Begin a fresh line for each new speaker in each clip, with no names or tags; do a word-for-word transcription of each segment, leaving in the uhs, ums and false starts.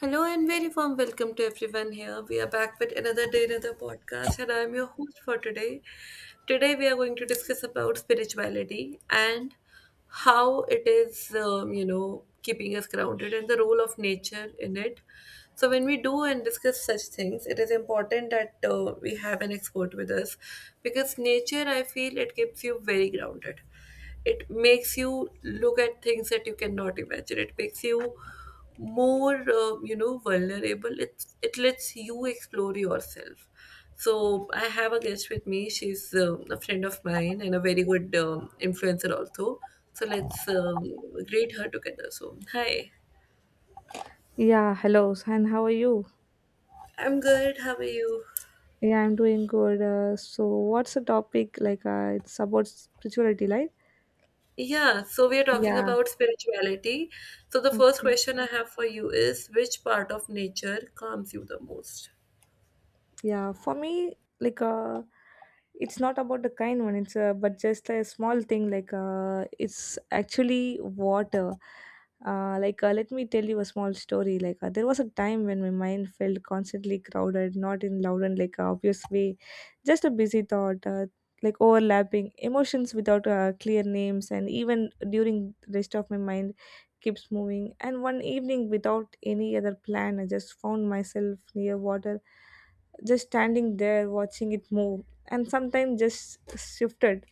Hello and very warm welcome to everyone here. We are back with another day, another podcast, and I'm your host for today. Today we are going to discuss about spirituality and how it is, um, you know, keeping us grounded and the role of nature in it. So when we do and discuss such things, it is important that uh, we have an expert with us because nature, I feel, it keeps you very grounded. It makes you look at things that you cannot imagine. It makes you more, uh, you know, vulnerable. It it lets you explore yourself. So I have a guest with me. She's uh, a friend of mine and a very good um, influencer also. So let's um, greet her together. So hi,
Yeah, hello, and how are you?
I'm good. How are you?
Yeah, I'm doing good. Uh, so, what's the topic? Like, uh, it's about spirituality, right?
Yeah, so we are talking
Yeah,
about spirituality. So the first
okay.
question I have for you is, which part of nature calms you the most?
Yeah, for me, like uh, it's not about the kind one. It's uh, but just a small thing. Like uh, it's actually water. Uh, like uh, let me tell you a small story. Like uh, there was a time when my mind felt constantly crowded, not in loud and like uh, obvious way, just a busy thought. Uh, like overlapping emotions without uh, clear names, and even during the rest of my mind keeps moving. And one evening without any other plan, I just found myself near water, just standing there watching it move, and sometimes just shifted.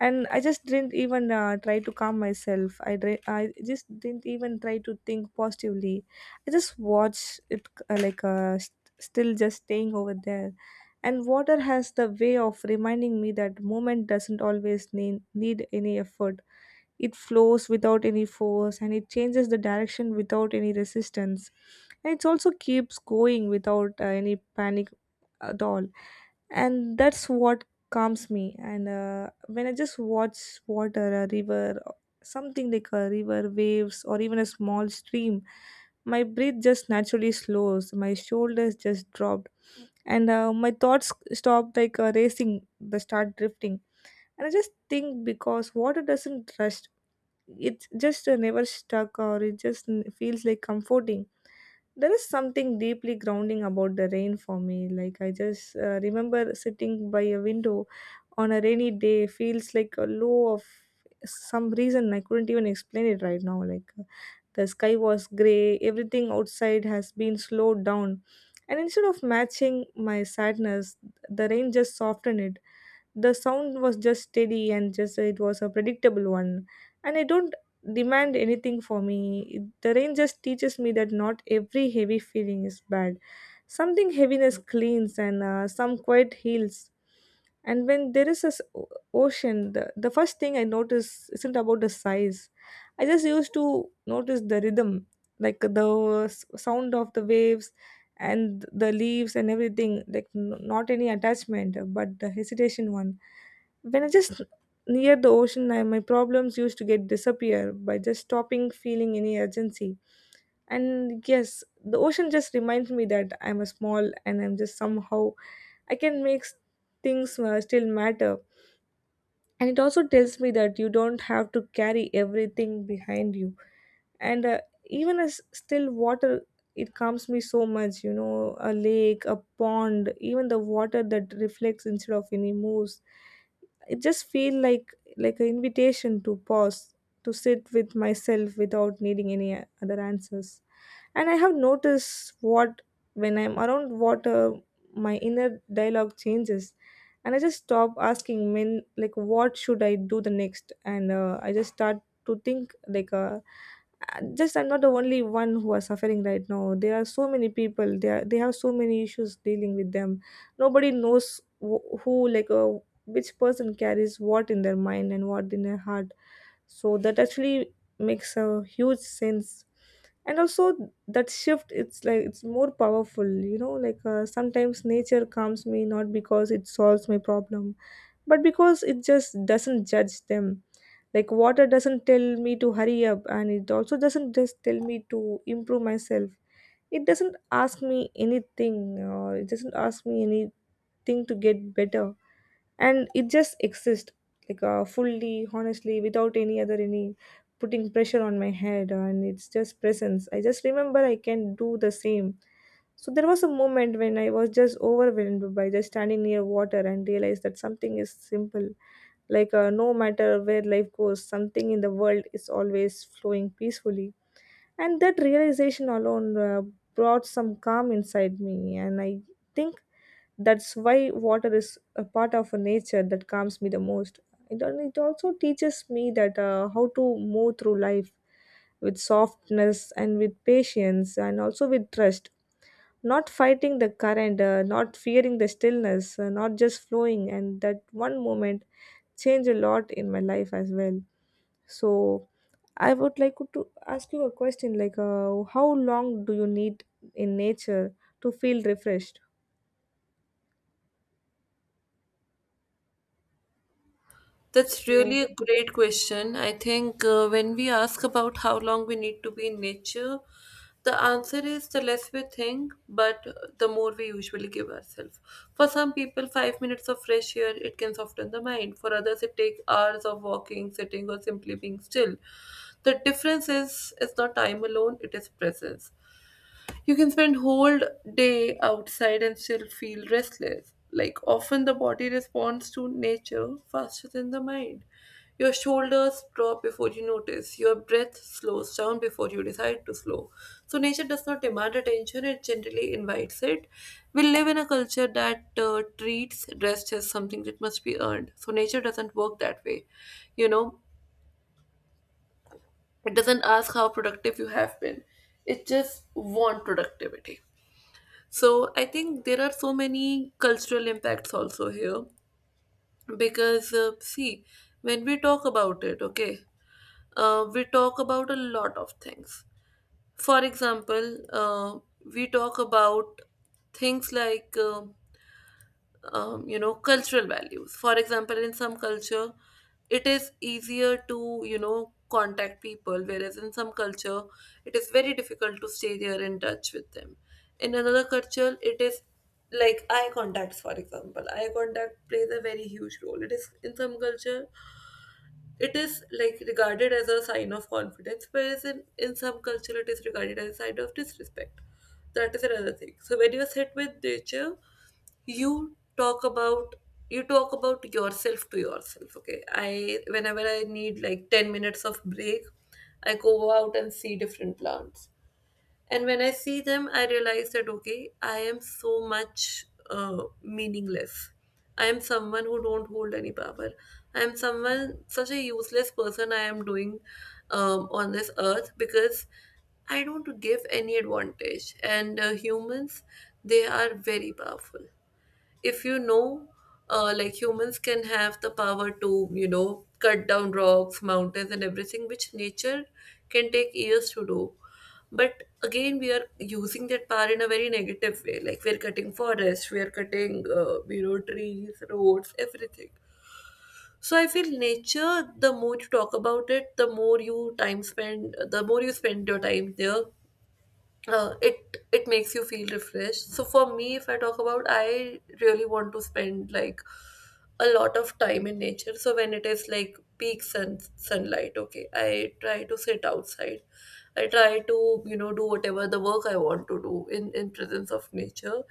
And I just didn't even uh, try to calm myself. I, dri- I just didn't even try to think positively. I just watched it uh, like uh, st- still, just staying over there. And water has the way of reminding me that moment doesn't always need, need any effort. It flows without any force, and it changes the direction without any resistance. And it also keeps going without uh, any panic at all. And that's what calms me. And uh, When I just watch water, a river, something like a river, waves, or even a small stream, my breath just naturally slows, my shoulders just dropped, and uh, my thoughts stop like uh, racing, they start drifting. And I just think because water doesn't rush, it just uh, never stuck, or it just n- feels like comforting. There is something deeply grounding about the rain for me. Like I just uh, remember sitting by a window on a rainy day feels like a low of some reason I couldn't even explain it right now. Like uh, the sky was gray, everything outside has been slowed down, and instead of matching my sadness, the rain just softened it. The sound was just steady and just it was a predictable one, and I don't demand anything for me. The rain just teaches me that not every heavy feeling is bad. Something heaviness cleans, and uh, some quiet heals. And when there is a s- o- ocean, the, the first thing I notice isn't about the size. I just used to notice the rhythm, like the s- sound of the waves and the leaves and everything, like n- not any attachment but the hesitation one. When I just near the ocean, I, my problems used to get disappear by just stopping feeling any urgency. And yes, the ocean just reminds me that I'm a small and I'm just somehow I can make s- things uh, still matter. And it also tells me that you don't have to carry everything behind you. And uh, Even as still water, it calms me so much. You know, a lake, a pond, even the water that reflects instead of any moves, it just feel like like an invitation to pause, to sit with myself without needing any uh, other answers. And I have noticed what when I'm around water, my inner dialogue changes, and I just stop asking when like what should I do the next. And uh, I just start to think like uh, uh, just I'm not the only one who are suffering right now. There are so many people they are, they have so many issues dealing with them. Nobody knows wh- who like uh, which person carries what in their mind and what in their heart. So that actually makes a huge sense. And also that shift it's like it's more powerful. You know, like uh, sometimes nature calms me not because it solves my problem, but because it just doesn't judge them. Like water doesn't tell me to hurry up, and it also doesn't just tell me to improve myself. It doesn't ask me anything or it doesn't ask me anything to get better. And it just exists, like uh, fully honestly, without any other any putting pressure on my head. And it's just presence, I just remember I can do the same. So there was a moment when I was just overwhelmed by just standing near water and realized that something is simple. Like, uh, no matter where life goes, something in the world is always flowing peacefully. And that realization alone uh, brought some calm inside me. And I think that's why water is a part of nature that calms me the most. It, al- it also teaches me that uh, how to move through life with softness and with patience and also with trust, not fighting the current, uh, not fearing the stillness, uh, not just flowing. And that one moment changed a lot in my life as well. So I would like to ask you a question like, uh, how long do you need in nature to feel refreshed?
That's
So,
really a great question. I think uh, when we ask about how long we need to be in nature, the answer is the less we think, but uh, the more we usually give ourselves. For some people, five minutes of fresh air, it can soften the mind. For others, it takes hours of walking, sitting, or simply being still. The difference is, it's not time alone; it is presence. You can spend whole day outside and still feel restless. Like often the body responds to nature faster than the mind. Your shoulders drop before you notice. Your breath slows down before you decide to slow. So nature does not demand attention, it generally invites it. We live in a culture that uh, treats rest as something that must be earned. So nature doesn't work that way. You know, it doesn't ask how productive you have been. It just wants productivity. So I think there are so many cultural impacts also here, because uh, see, when we talk about it, okay, uh, we talk about a lot of things. For example, uh, we talk about things like uh, um, you know cultural values. For example, in some culture it is easier to you know contact people, whereas in some culture it is very difficult to stay there in touch with them. In another culture, it is like eye contacts. For example, eye contact plays a very huge role. It is, in some culture it is like regarded as a sign of confidence, whereas in, in some culture it is regarded as a sign of disrespect. That is another thing. So when you sit with nature, you talk about you talk about yourself to yourself. Okay, I whenever I need like ten minutes of break, I go out and see different plants. And when I see them, I realize that, okay, I am so much uh, meaningless. I am someone who don't hold any power. I am someone such a useless person I am doing um, on this earth because I don't give any advantage. And uh, humans, they are very powerful if you know uh, like humans can have the power to you know cut down rocks, mountains, and everything, which nature can take years to do. But again, we are using that power in a very negative way, like we are cutting forests, we are cutting uh, you know trees, roads, everything. So I feel, nature, the more you talk about it, the more you time spend the more you spend your time there, uh, it it makes you feel refreshed. So for me, if I talk about, I really want to spend like a lot of time in nature. So when it is like peak sun sunlight, okay, I try to sit outside. I try to you know do whatever the work I want to do in in presence of nature.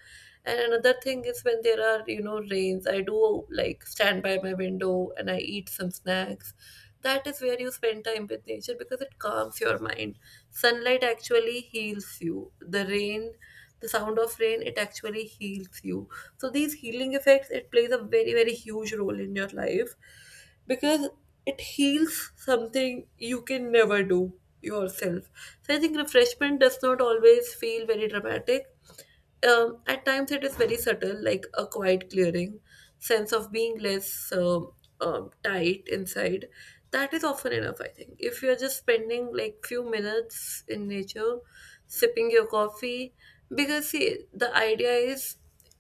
And another thing is, when there are you know rains, I do like stand by my window and I eat some snacks. That is where you spend time with nature, because it calms your mind. Sunlight actually heals you. The rain, the sound of rain, it actually heals you. So these healing effects, it plays a very very huge role in your life, because it heals something you can never do yourself. So I think refreshment does not always feel very dramatic. Um, at times, it is very subtle, like a quiet clearing, sense of being less um, um, tight inside. That is often enough, I think. If you're just spending like few minutes in nature, sipping your coffee, because see, the idea is,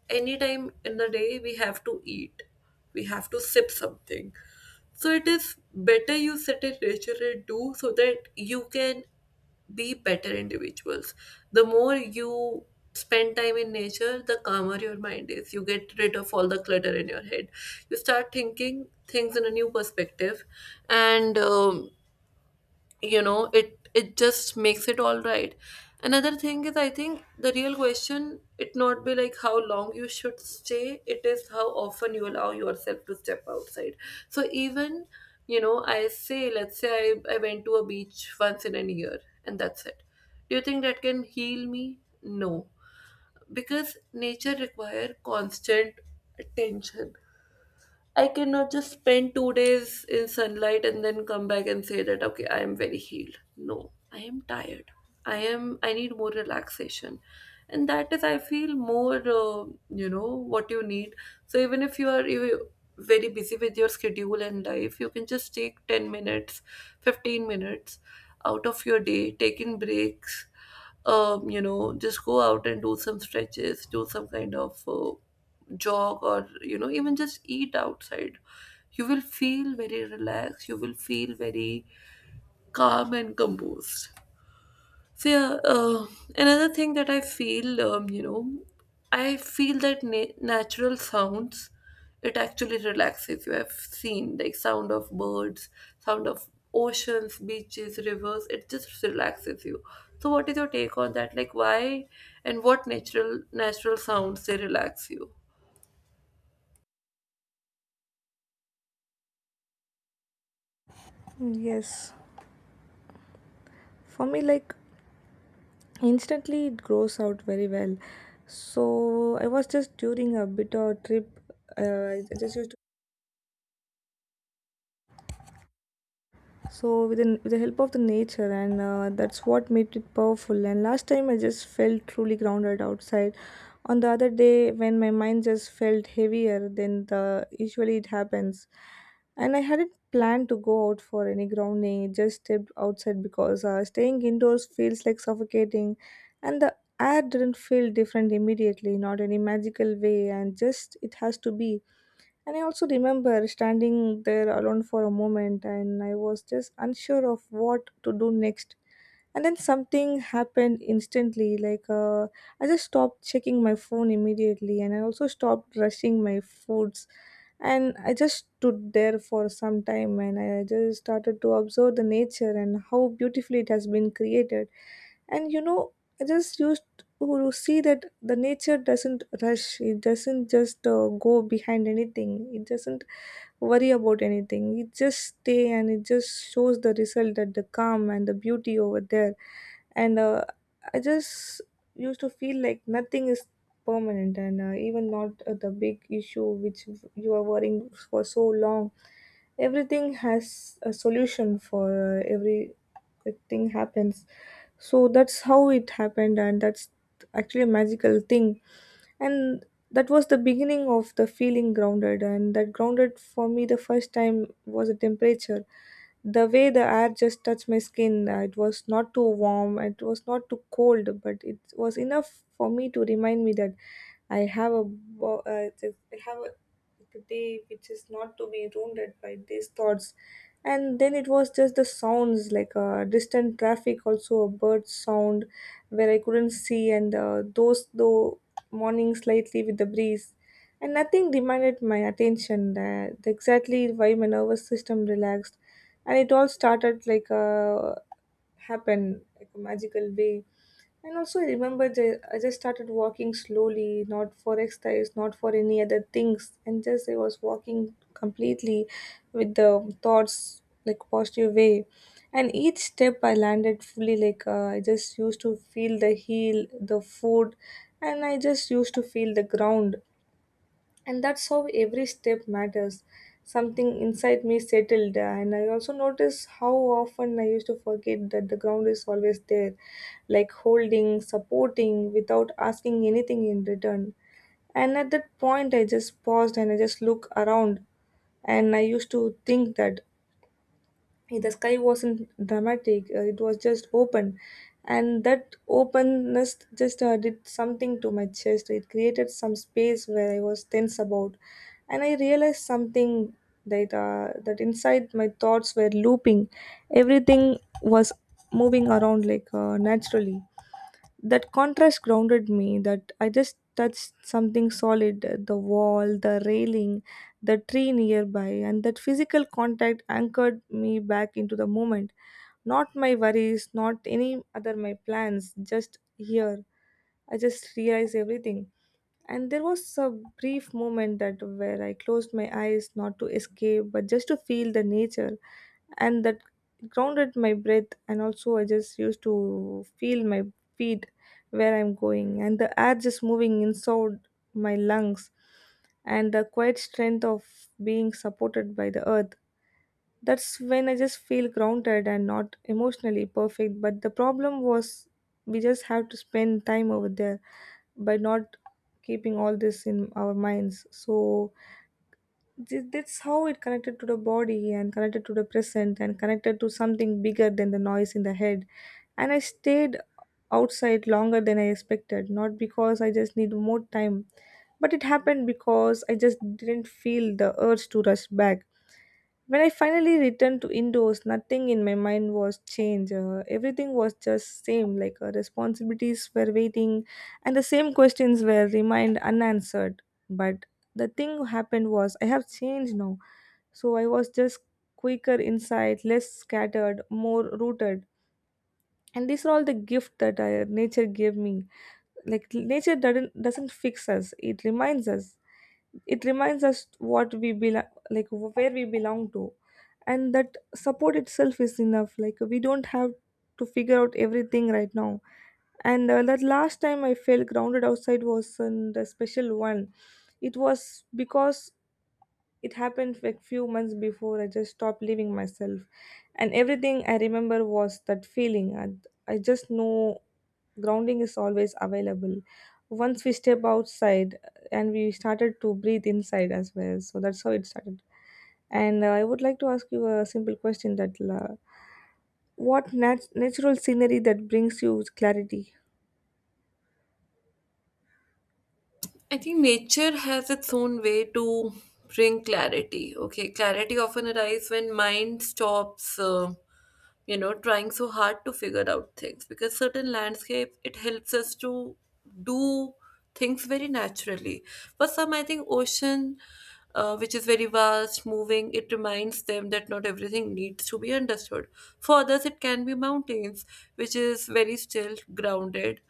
anytime in the day we have to eat, we have to sip something. So it is better you sit in nature and do, so that you can be better individuals. The more you spend time in nature, the calmer your mind is. You get rid of all the clutter in your head. You start thinking things in a new perspective, and um, you know it it just makes it all right. Another thing is, I think the real question it not be like how long you should stay. It is how often you allow yourself to step outside. So even you know I say, let's say i, I went to a beach once in a year and that's it. Do you think that can heal me? No. Because nature require constant attention. I cannot just spend two days in sunlight and then come back and say that, okay, I am very healed. No, I am tired. I am, I need more relaxation. And that is, I feel, more, uh, you know, what you need. So even if you are you very busy with your schedule and life, you can just take ten minutes, fifteen minutes out of your day, taking breaks, um, you know, just go out and do some stretches, do some kind of uh, jog, or you know even just eat outside. You will feel very relaxed, you will feel very calm and composed. So yeah. Uh, another thing that I feel, um, you know I feel that na- natural sounds, it actually relaxes you. I've seen, like, sound of birds, sound of oceans, beaches, rivers, it just relaxes you. So what is your take on that, like why, and what natural natural sounds they relax you?
yes, for me, like instantly it grows out very well. So I was just during a bit of trip. Uh, I just used to so with, an, with the help of the nature, and uh, that's what made it powerful. And last time I just felt truly grounded outside on the other day when my mind just felt heavier than the usually it happens. And I hadn't planned to go out for any grounding, it just stepped outside because uh, staying indoors feels like suffocating. And the air didn't feel different immediately, not any magical way, and just it has to be. And I also remember standing there alone for a moment, and I was just unsure of what to do next. And then something happened instantly. Like, uh, I just stopped checking my phone immediately, and I also stopped rushing my foods. And I just stood there for some time, and I just started to observe the nature and how beautifully it has been created. And you know, I just used to see that the nature doesn't rush, it doesn't just uh, go behind anything, it doesn't worry about anything, it just stay, and it just shows the result that the calm and the beauty over there. And uh, I just used to feel like nothing is permanent. And uh, even not uh, the big issue which you are worrying for so long, everything has a solution for uh, every uh, thing happens. So that's how it happened, and that's actually a magical thing. And that was the beginning of the feeling grounded. And that grounded for me the first time was the temperature, the way the air just touched my skin. Uh, it was not too warm, it was not too cold, but it was enough for me to remind me that i have a wo- uh, th- I have a a day which is not to be wounded by these thoughts. And then it was just the sounds, like uh, distant traffic, also a bird sound where I couldn't see. And uh, those though morning slightly with the breeze, and nothing demanded my attention, that exactly why my nervous system relaxed. And it all started like a happen like a magical way. And also, I remember ju- I just started walking slowly, not for exercise, not for any other things. And just I was walking completely with the thoughts like positive way. And each step I landed fully, like uh, I just used to feel the heel, the food, and I just used to feel the ground. And that's how every step matters. Something inside me settled, and I also noticed how often I used to forget that the ground is always there, like holding, supporting without asking anything in return. And at that point, I just paused, and I just looked around. And I used to think that the sky wasn't dramatic, uh, it was just open. And that openness just uh, did something to my chest, it created some space where I was tense about. And I realized something that uh, that inside my thoughts were looping, everything was moving around like uh, naturally. That contrast grounded me, that I just touched something solid, uh, the wall, the railing, the tree nearby, and that physical contact anchored me back into the moment, not my worries, not any other my plans, just here. I just realized everything. And there was a brief moment that where I closed my eyes, not to escape, but just to feel the nature. And that grounded my breath. And also I just used to feel my feet where I'm going, and the air just moving inside my lungs, and the quiet strength of being supported by the earth. That's when I just feel grounded, and not emotionally perfect. But the problem was we just have to spend time over there by not keeping all this in our minds. So Th- that's how it connected to the body, and connected to the present, and connected to something bigger than the noise in the head. And I stayed outside longer than I expected, not because I just need more time, but it happened because I just didn't feel the urge to rush back. When I finally returned to indoors, nothing in my mind was changed. Uh, everything was just same, like uh, responsibilities were waiting and the same questions were remained unanswered. But the thing happened was I have changed now, so I was just quicker inside, less scattered, more rooted. And these are all the gift that I, nature gave me. Like nature doesn't doesn't fix us; it reminds us. It reminds us what we belong, like where we belong to, and that support itself is enough. Like we don't have to figure out everything right now. And uh, That last time I felt grounded outside wasn't a special one. It was because it happened like few months before I just stopped leaving myself. And everything I remember was that feeling. And I just know grounding is always available. Once we step outside uh, and we started to breathe inside as well. So that's how it started. And uh, I would like to ask you a simple question that uh, what nat- natural scenery that brings you clarity?
I think nature has its own way to bring clarity. Okay, clarity often arrives when mind stops Uh, you know trying so hard to figure out things, because certain landscape it helps us to do things very naturally. For some, I think, ocean, uh, which is very vast moving, it reminds them that not everything needs to be understood. For others, it can be mountains, which is very still, grounded,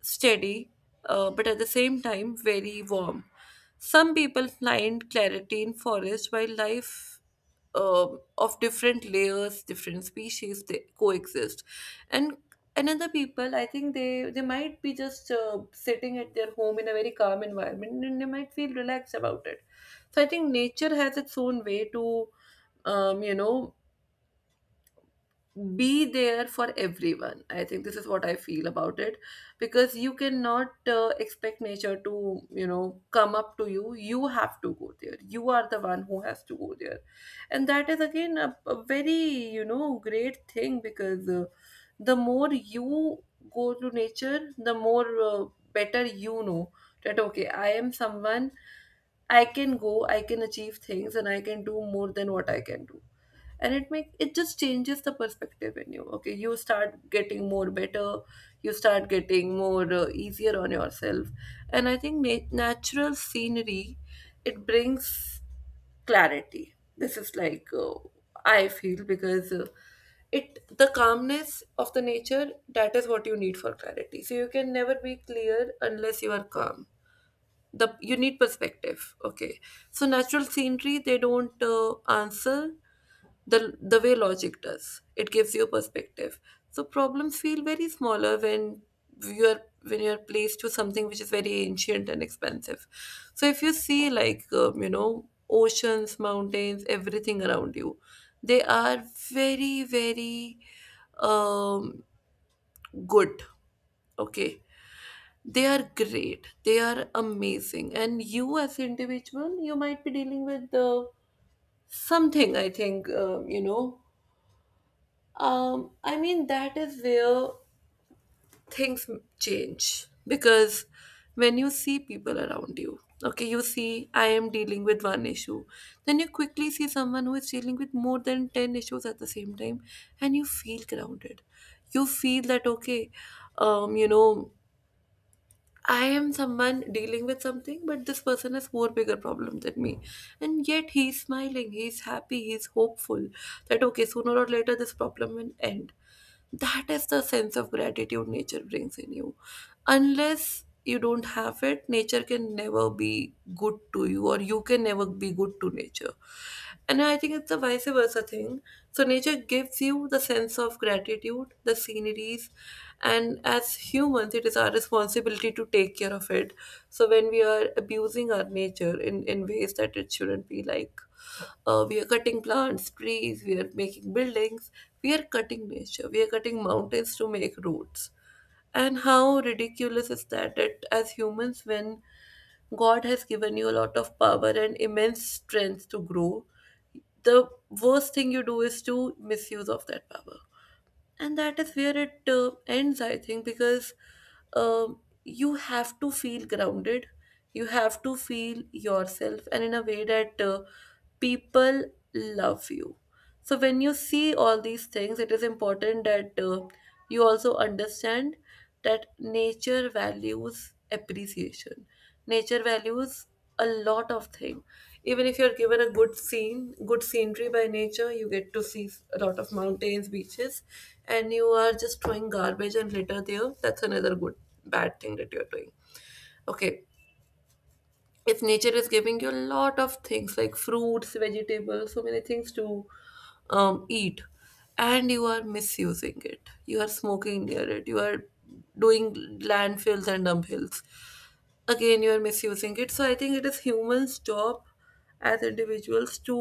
steady, uh, but at the same time very warm. Some people find clarity in forest while life um, of different layers, different species they coexist. And another people, I think, they they might be just uh, sitting at their home in a very calm environment, and they might feel relaxed about it. So I think nature has its own way to um, you know be there for everyone. I think this is what I feel about it, because you cannot uh, expect nature to, you know, come up to you. You have to go there. You are the one who has to go there. And that is, again, a, a very you know, great thing, because uh, the more you go to nature, the more uh, better you know that, okay, I am someone, I can go, I can achieve things, and I can do more than what I can do. And it make it just changes the perspective in you. Okay, you start getting more better, you start getting more uh, easier on yourself. And I think na- natural scenery, it brings clarity. This is, like, uh, I feel, because uh, it the calmness of the nature, that is what you need for clarity. So you can never be clear unless you are calm. The You need perspective, okay. So natural scenery, they don't uh, answer the the way logic does. It gives you perspective. So problems feel very smaller when you're when you're placed to something which is very ancient and expensive. So if you see like um, you know oceans, mountains, everything around you, they are very very um good, okay. They are great, they are amazing. And you, as an individual, you might be dealing with the something. I think um, you know Um, I mean, that is where things m- change, because when you see people around you, okay, you see, I am dealing with one issue, then you quickly see someone who is dealing with more than ten issues at the same time, and you feel grounded. You feel that, okay, um, you know, I am someone dealing with something, but this person has more bigger problem than me. And yet he's smiling, he's happy, he's hopeful that okay, sooner or later this problem will end. That is the sense of gratitude nature brings in you. Unless you don't have it, nature can never be good to you, or you can never be good to nature. And I think it's the vice versa thing, so nature gives you the sense of gratitude, the sceneries, and as humans, it is our responsibility to take care of it. So when we are abusing our nature in, in ways that it shouldn't be like uh, we are cutting plants, trees, we are making buildings, we are cutting nature, we are cutting mountains to make roads. And how ridiculous is that, that as humans, when God has given you a lot of power and immense strength to grow, the worst thing you do is to misuse of that power, and that is where it uh, ends, I think, because um, you have to feel grounded. You have to feel yourself and in a way that uh, people love you. So when you see all these things, it is important that uh, you also understand that nature values appreciation. Nature values a lot of thing. Even if you're given a good scene, good scenery by nature, you get to see a lot of mountains, beaches, and you are just throwing garbage and litter there, that's another good, bad thing that you're doing. Okay, if nature is giving you a lot of things like fruits, vegetables, so many things to um, eat, and you are misusing it, you are smoking near it, you are doing landfills and dump hills, again you are misusing it. So I think it is humans job as individuals to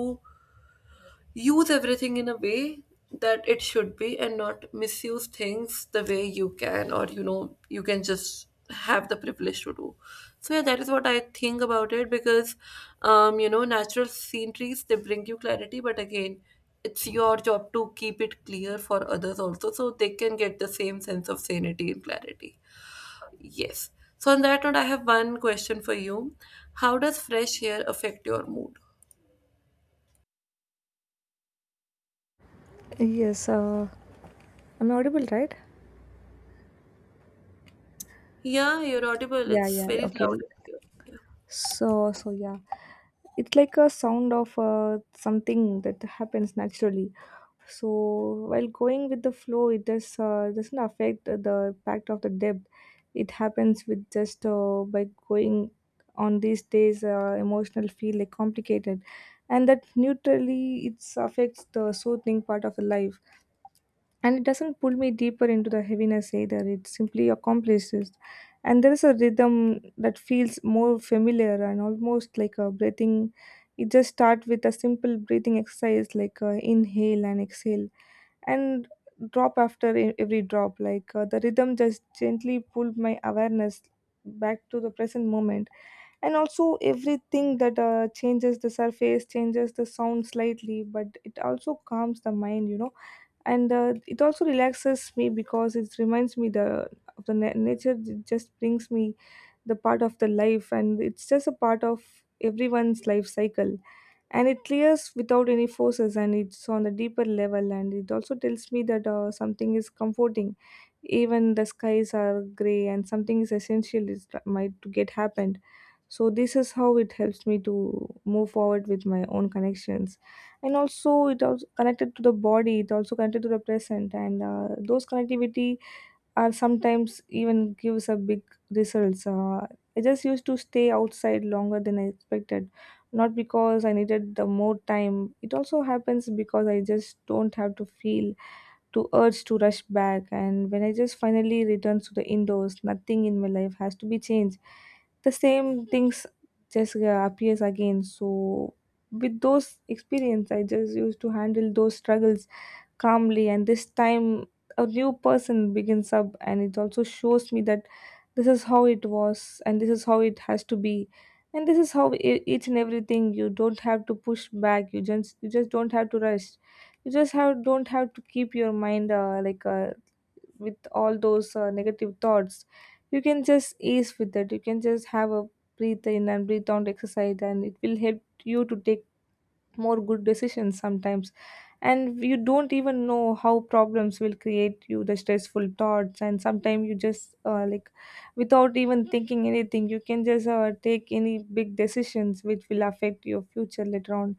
use everything in a way that it should be, and not misuse things the way you can, or you know you can just have the privilege to do. So yeah, that is what I think about it, because um you know natural sceneries, they bring you clarity, but again, it's your job to keep it clear for others also, so they can get the same sense of sanity and clarity. Yes. So, on that note, I have one question for you. How does fresh air affect your mood?
Yes, uh, I'm audible, right?
Yeah, you're audible.
Yeah,
It's
yeah,
very
yeah. Okay.
loud and clear. Yeah,
So, so yeah, it's like a sound of uh, something that happens naturally. So, while going with the flow, it does uh, doesn't affect the impact of the depth. It happens with just uh, by going on these days, uh, emotional feel like complicated, and that neutrally it affects the soothing part of the life, and it doesn't pull me deeper into the heaviness, either it simply accomplishes. And there is a rhythm that feels more familiar and almost like a breathing. It just starts with a simple breathing exercise, like uh, inhale and exhale, and drop after e- every drop, like uh, the rhythm just gently pulled my awareness back to the present moment. And also everything that uh, changes the surface changes the sound slightly, but it also calms the mind, you know. And uh, it also relaxes me because it reminds me the of the na- nature. It just brings me the part of the life, and it's just a part of everyone's life cycle. And it clears without any forces, and it's on a deeper level, and it also tells me that uh, something is comforting, even the skies are gray, and something is essential is that might to get happened. So this is how it helps me to move forward with my own connections. And also it also connected to the body, it also connected to the present, and uh, those connectivity or sometimes even gives a big results. Uh, I just used to stay outside longer than I expected, not because I needed the more time. It also happens because I just don't have to feel to urge to rush back. And when I just finally return to the indoors, nothing in my life has to be changed. The same things just uh, appears again. So with those experience, I just used to handle those struggles calmly, and this time a new person begins up, and it also shows me that this is how it was and this is how it has to be, and this is how e- each and everything. You don't have to push back, you just you just don't have to rush. You just have don't have to keep your mind uh, like uh, with all those uh, negative thoughts. You can just ease with it, you can just have a breathe in and breathe out exercise, and it will help you to take more good decisions sometimes. And you don't even know how problems will create you the stressful thoughts, and sometimes you just uh, like without even thinking anything you can just uh, take any big decisions which will affect your future later on.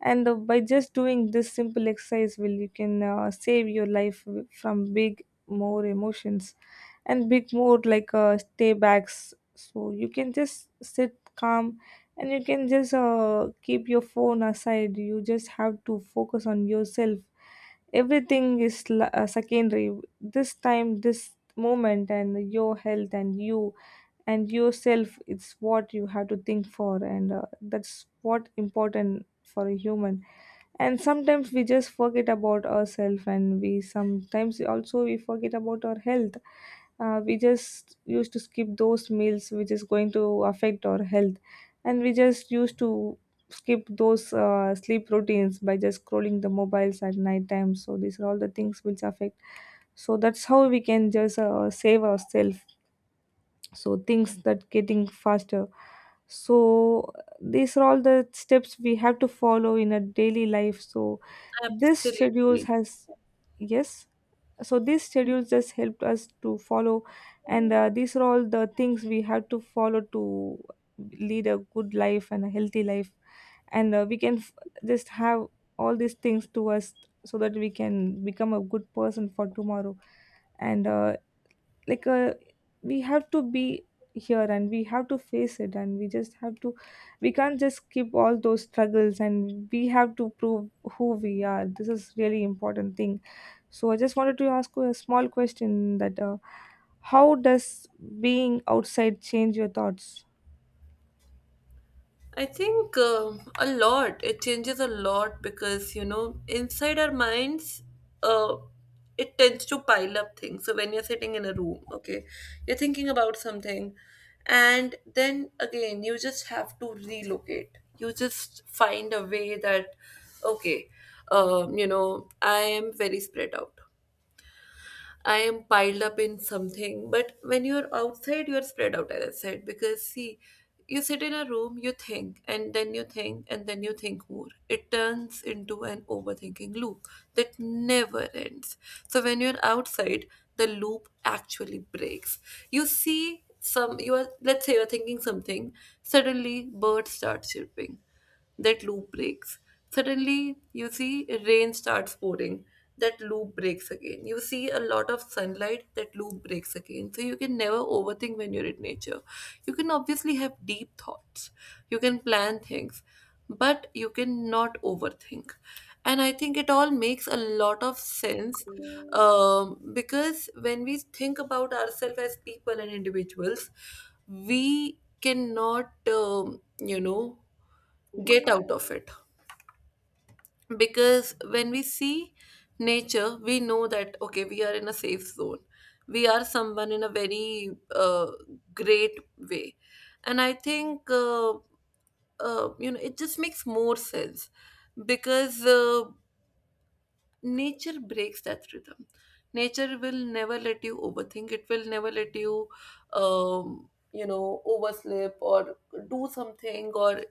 And uh, by just doing this simple exercise will you can uh, save your life w- from big more emotions and big more like uh, stay backs. So you can just sit calm, and you can just uh, keep your phone aside, you just have to focus on yourself. Everything is la- uh, secondary. This time, this moment, and your health and you and yourself, it's what you have to think for. And uh, that's what important for a human. And sometimes we just forget about ourselves, and we sometimes also we forget about our health. Uh, we just used to skip those meals which is going to affect our health. And we just used to skip those uh, sleep routines by just scrolling the mobiles at night time. So these are all the things which affect. So that's how we can just uh, save ourselves. So things that getting faster. So these are all the steps we have to follow in a daily life. So this schedules
absolutely.
has, yes, so these schedules just helped us to follow. And uh, these are all the things we have to follow to lead a good life and a healthy life. And uh, we can f- just have all these things to us, so that we can become a good person for tomorrow. And uh, like uh, we have to be here and we have to face it, and we just have to, we can't just keep all those struggles, and we have to prove who we are, this is really important thing. So I just wanted to ask you a small question that uh, how does being outside change your thoughts?
I think um a lot. It changes a lot because, you know, inside our minds, uh, it tends to pile up things. So when you're sitting in a room, okay, you're thinking about something, and then again, you just have to relocate. You just find a way that, okay, um, you know, I am very spread out. I am piled up in something. But when you're outside, you're spread out, as I said, because see, you sit in a room, you think, and then you think, and then you think more. It turns into an overthinking loop that never ends. So when you're outside, the loop actually breaks. You see some, you are, let's say you're thinking something, suddenly birds start chirping, that loop breaks. Suddenly, you see rain starts pouring. That loop breaks again. You see a lot of sunlight. That loop breaks again. So you can never overthink when you're in nature. You can obviously have deep thoughts. You can plan things, but you cannot overthink. And I think it all makes a lot of sense, um, because when we think about ourselves as people and individuals, we cannot, um, you know, get out of it, because when we see nature, we know that okay, we are in a safe zone, we are someone in a very uh, great way. And I think uh, uh, you know, it just makes more sense, because uh, nature breaks that rhythm. Nature will never let you overthink, it will never let you um, you know, oversleep, or do something, or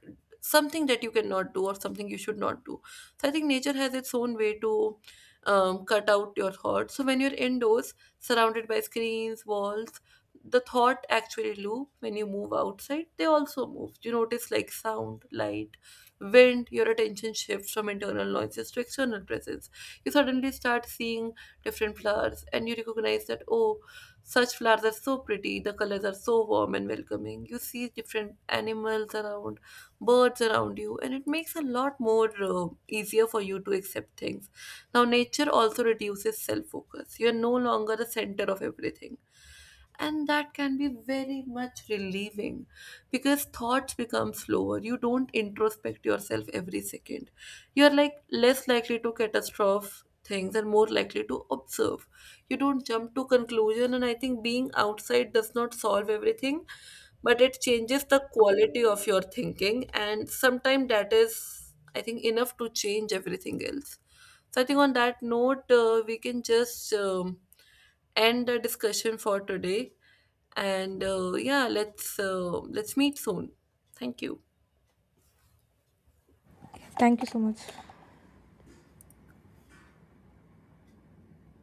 something that you cannot do, or something you should not do. So I think nature has its own way to um, cut out your thoughts. So when you're indoors, surrounded by screens, walls, the thought actually loop. When you move outside, they also move. You notice like sound, light, wind, your attention shifts from internal noises to external presence. You suddenly start seeing different flowers and you recognize that, oh, such flowers are so pretty, the colors are so warm and welcoming. You see different animals around, birds around you, and it makes a lot more uh, easier for you to accept things. Now nature also reduces self focus, you are no longer the center of everything, and that can be very much relieving, because thoughts become slower, you don't introspect yourself every second, you're like less likely to catastrophe things and more likely to observe. You don't jump to conclusion. And I think being outside does not solve everything, but it changes the quality of your thinking, and sometimes that is, I think, enough to change everything else. So I think on that note, uh, we can just um, end the discussion for today. And uh, yeah, let's uh, let's meet soon. Thank you.
Thank you so much.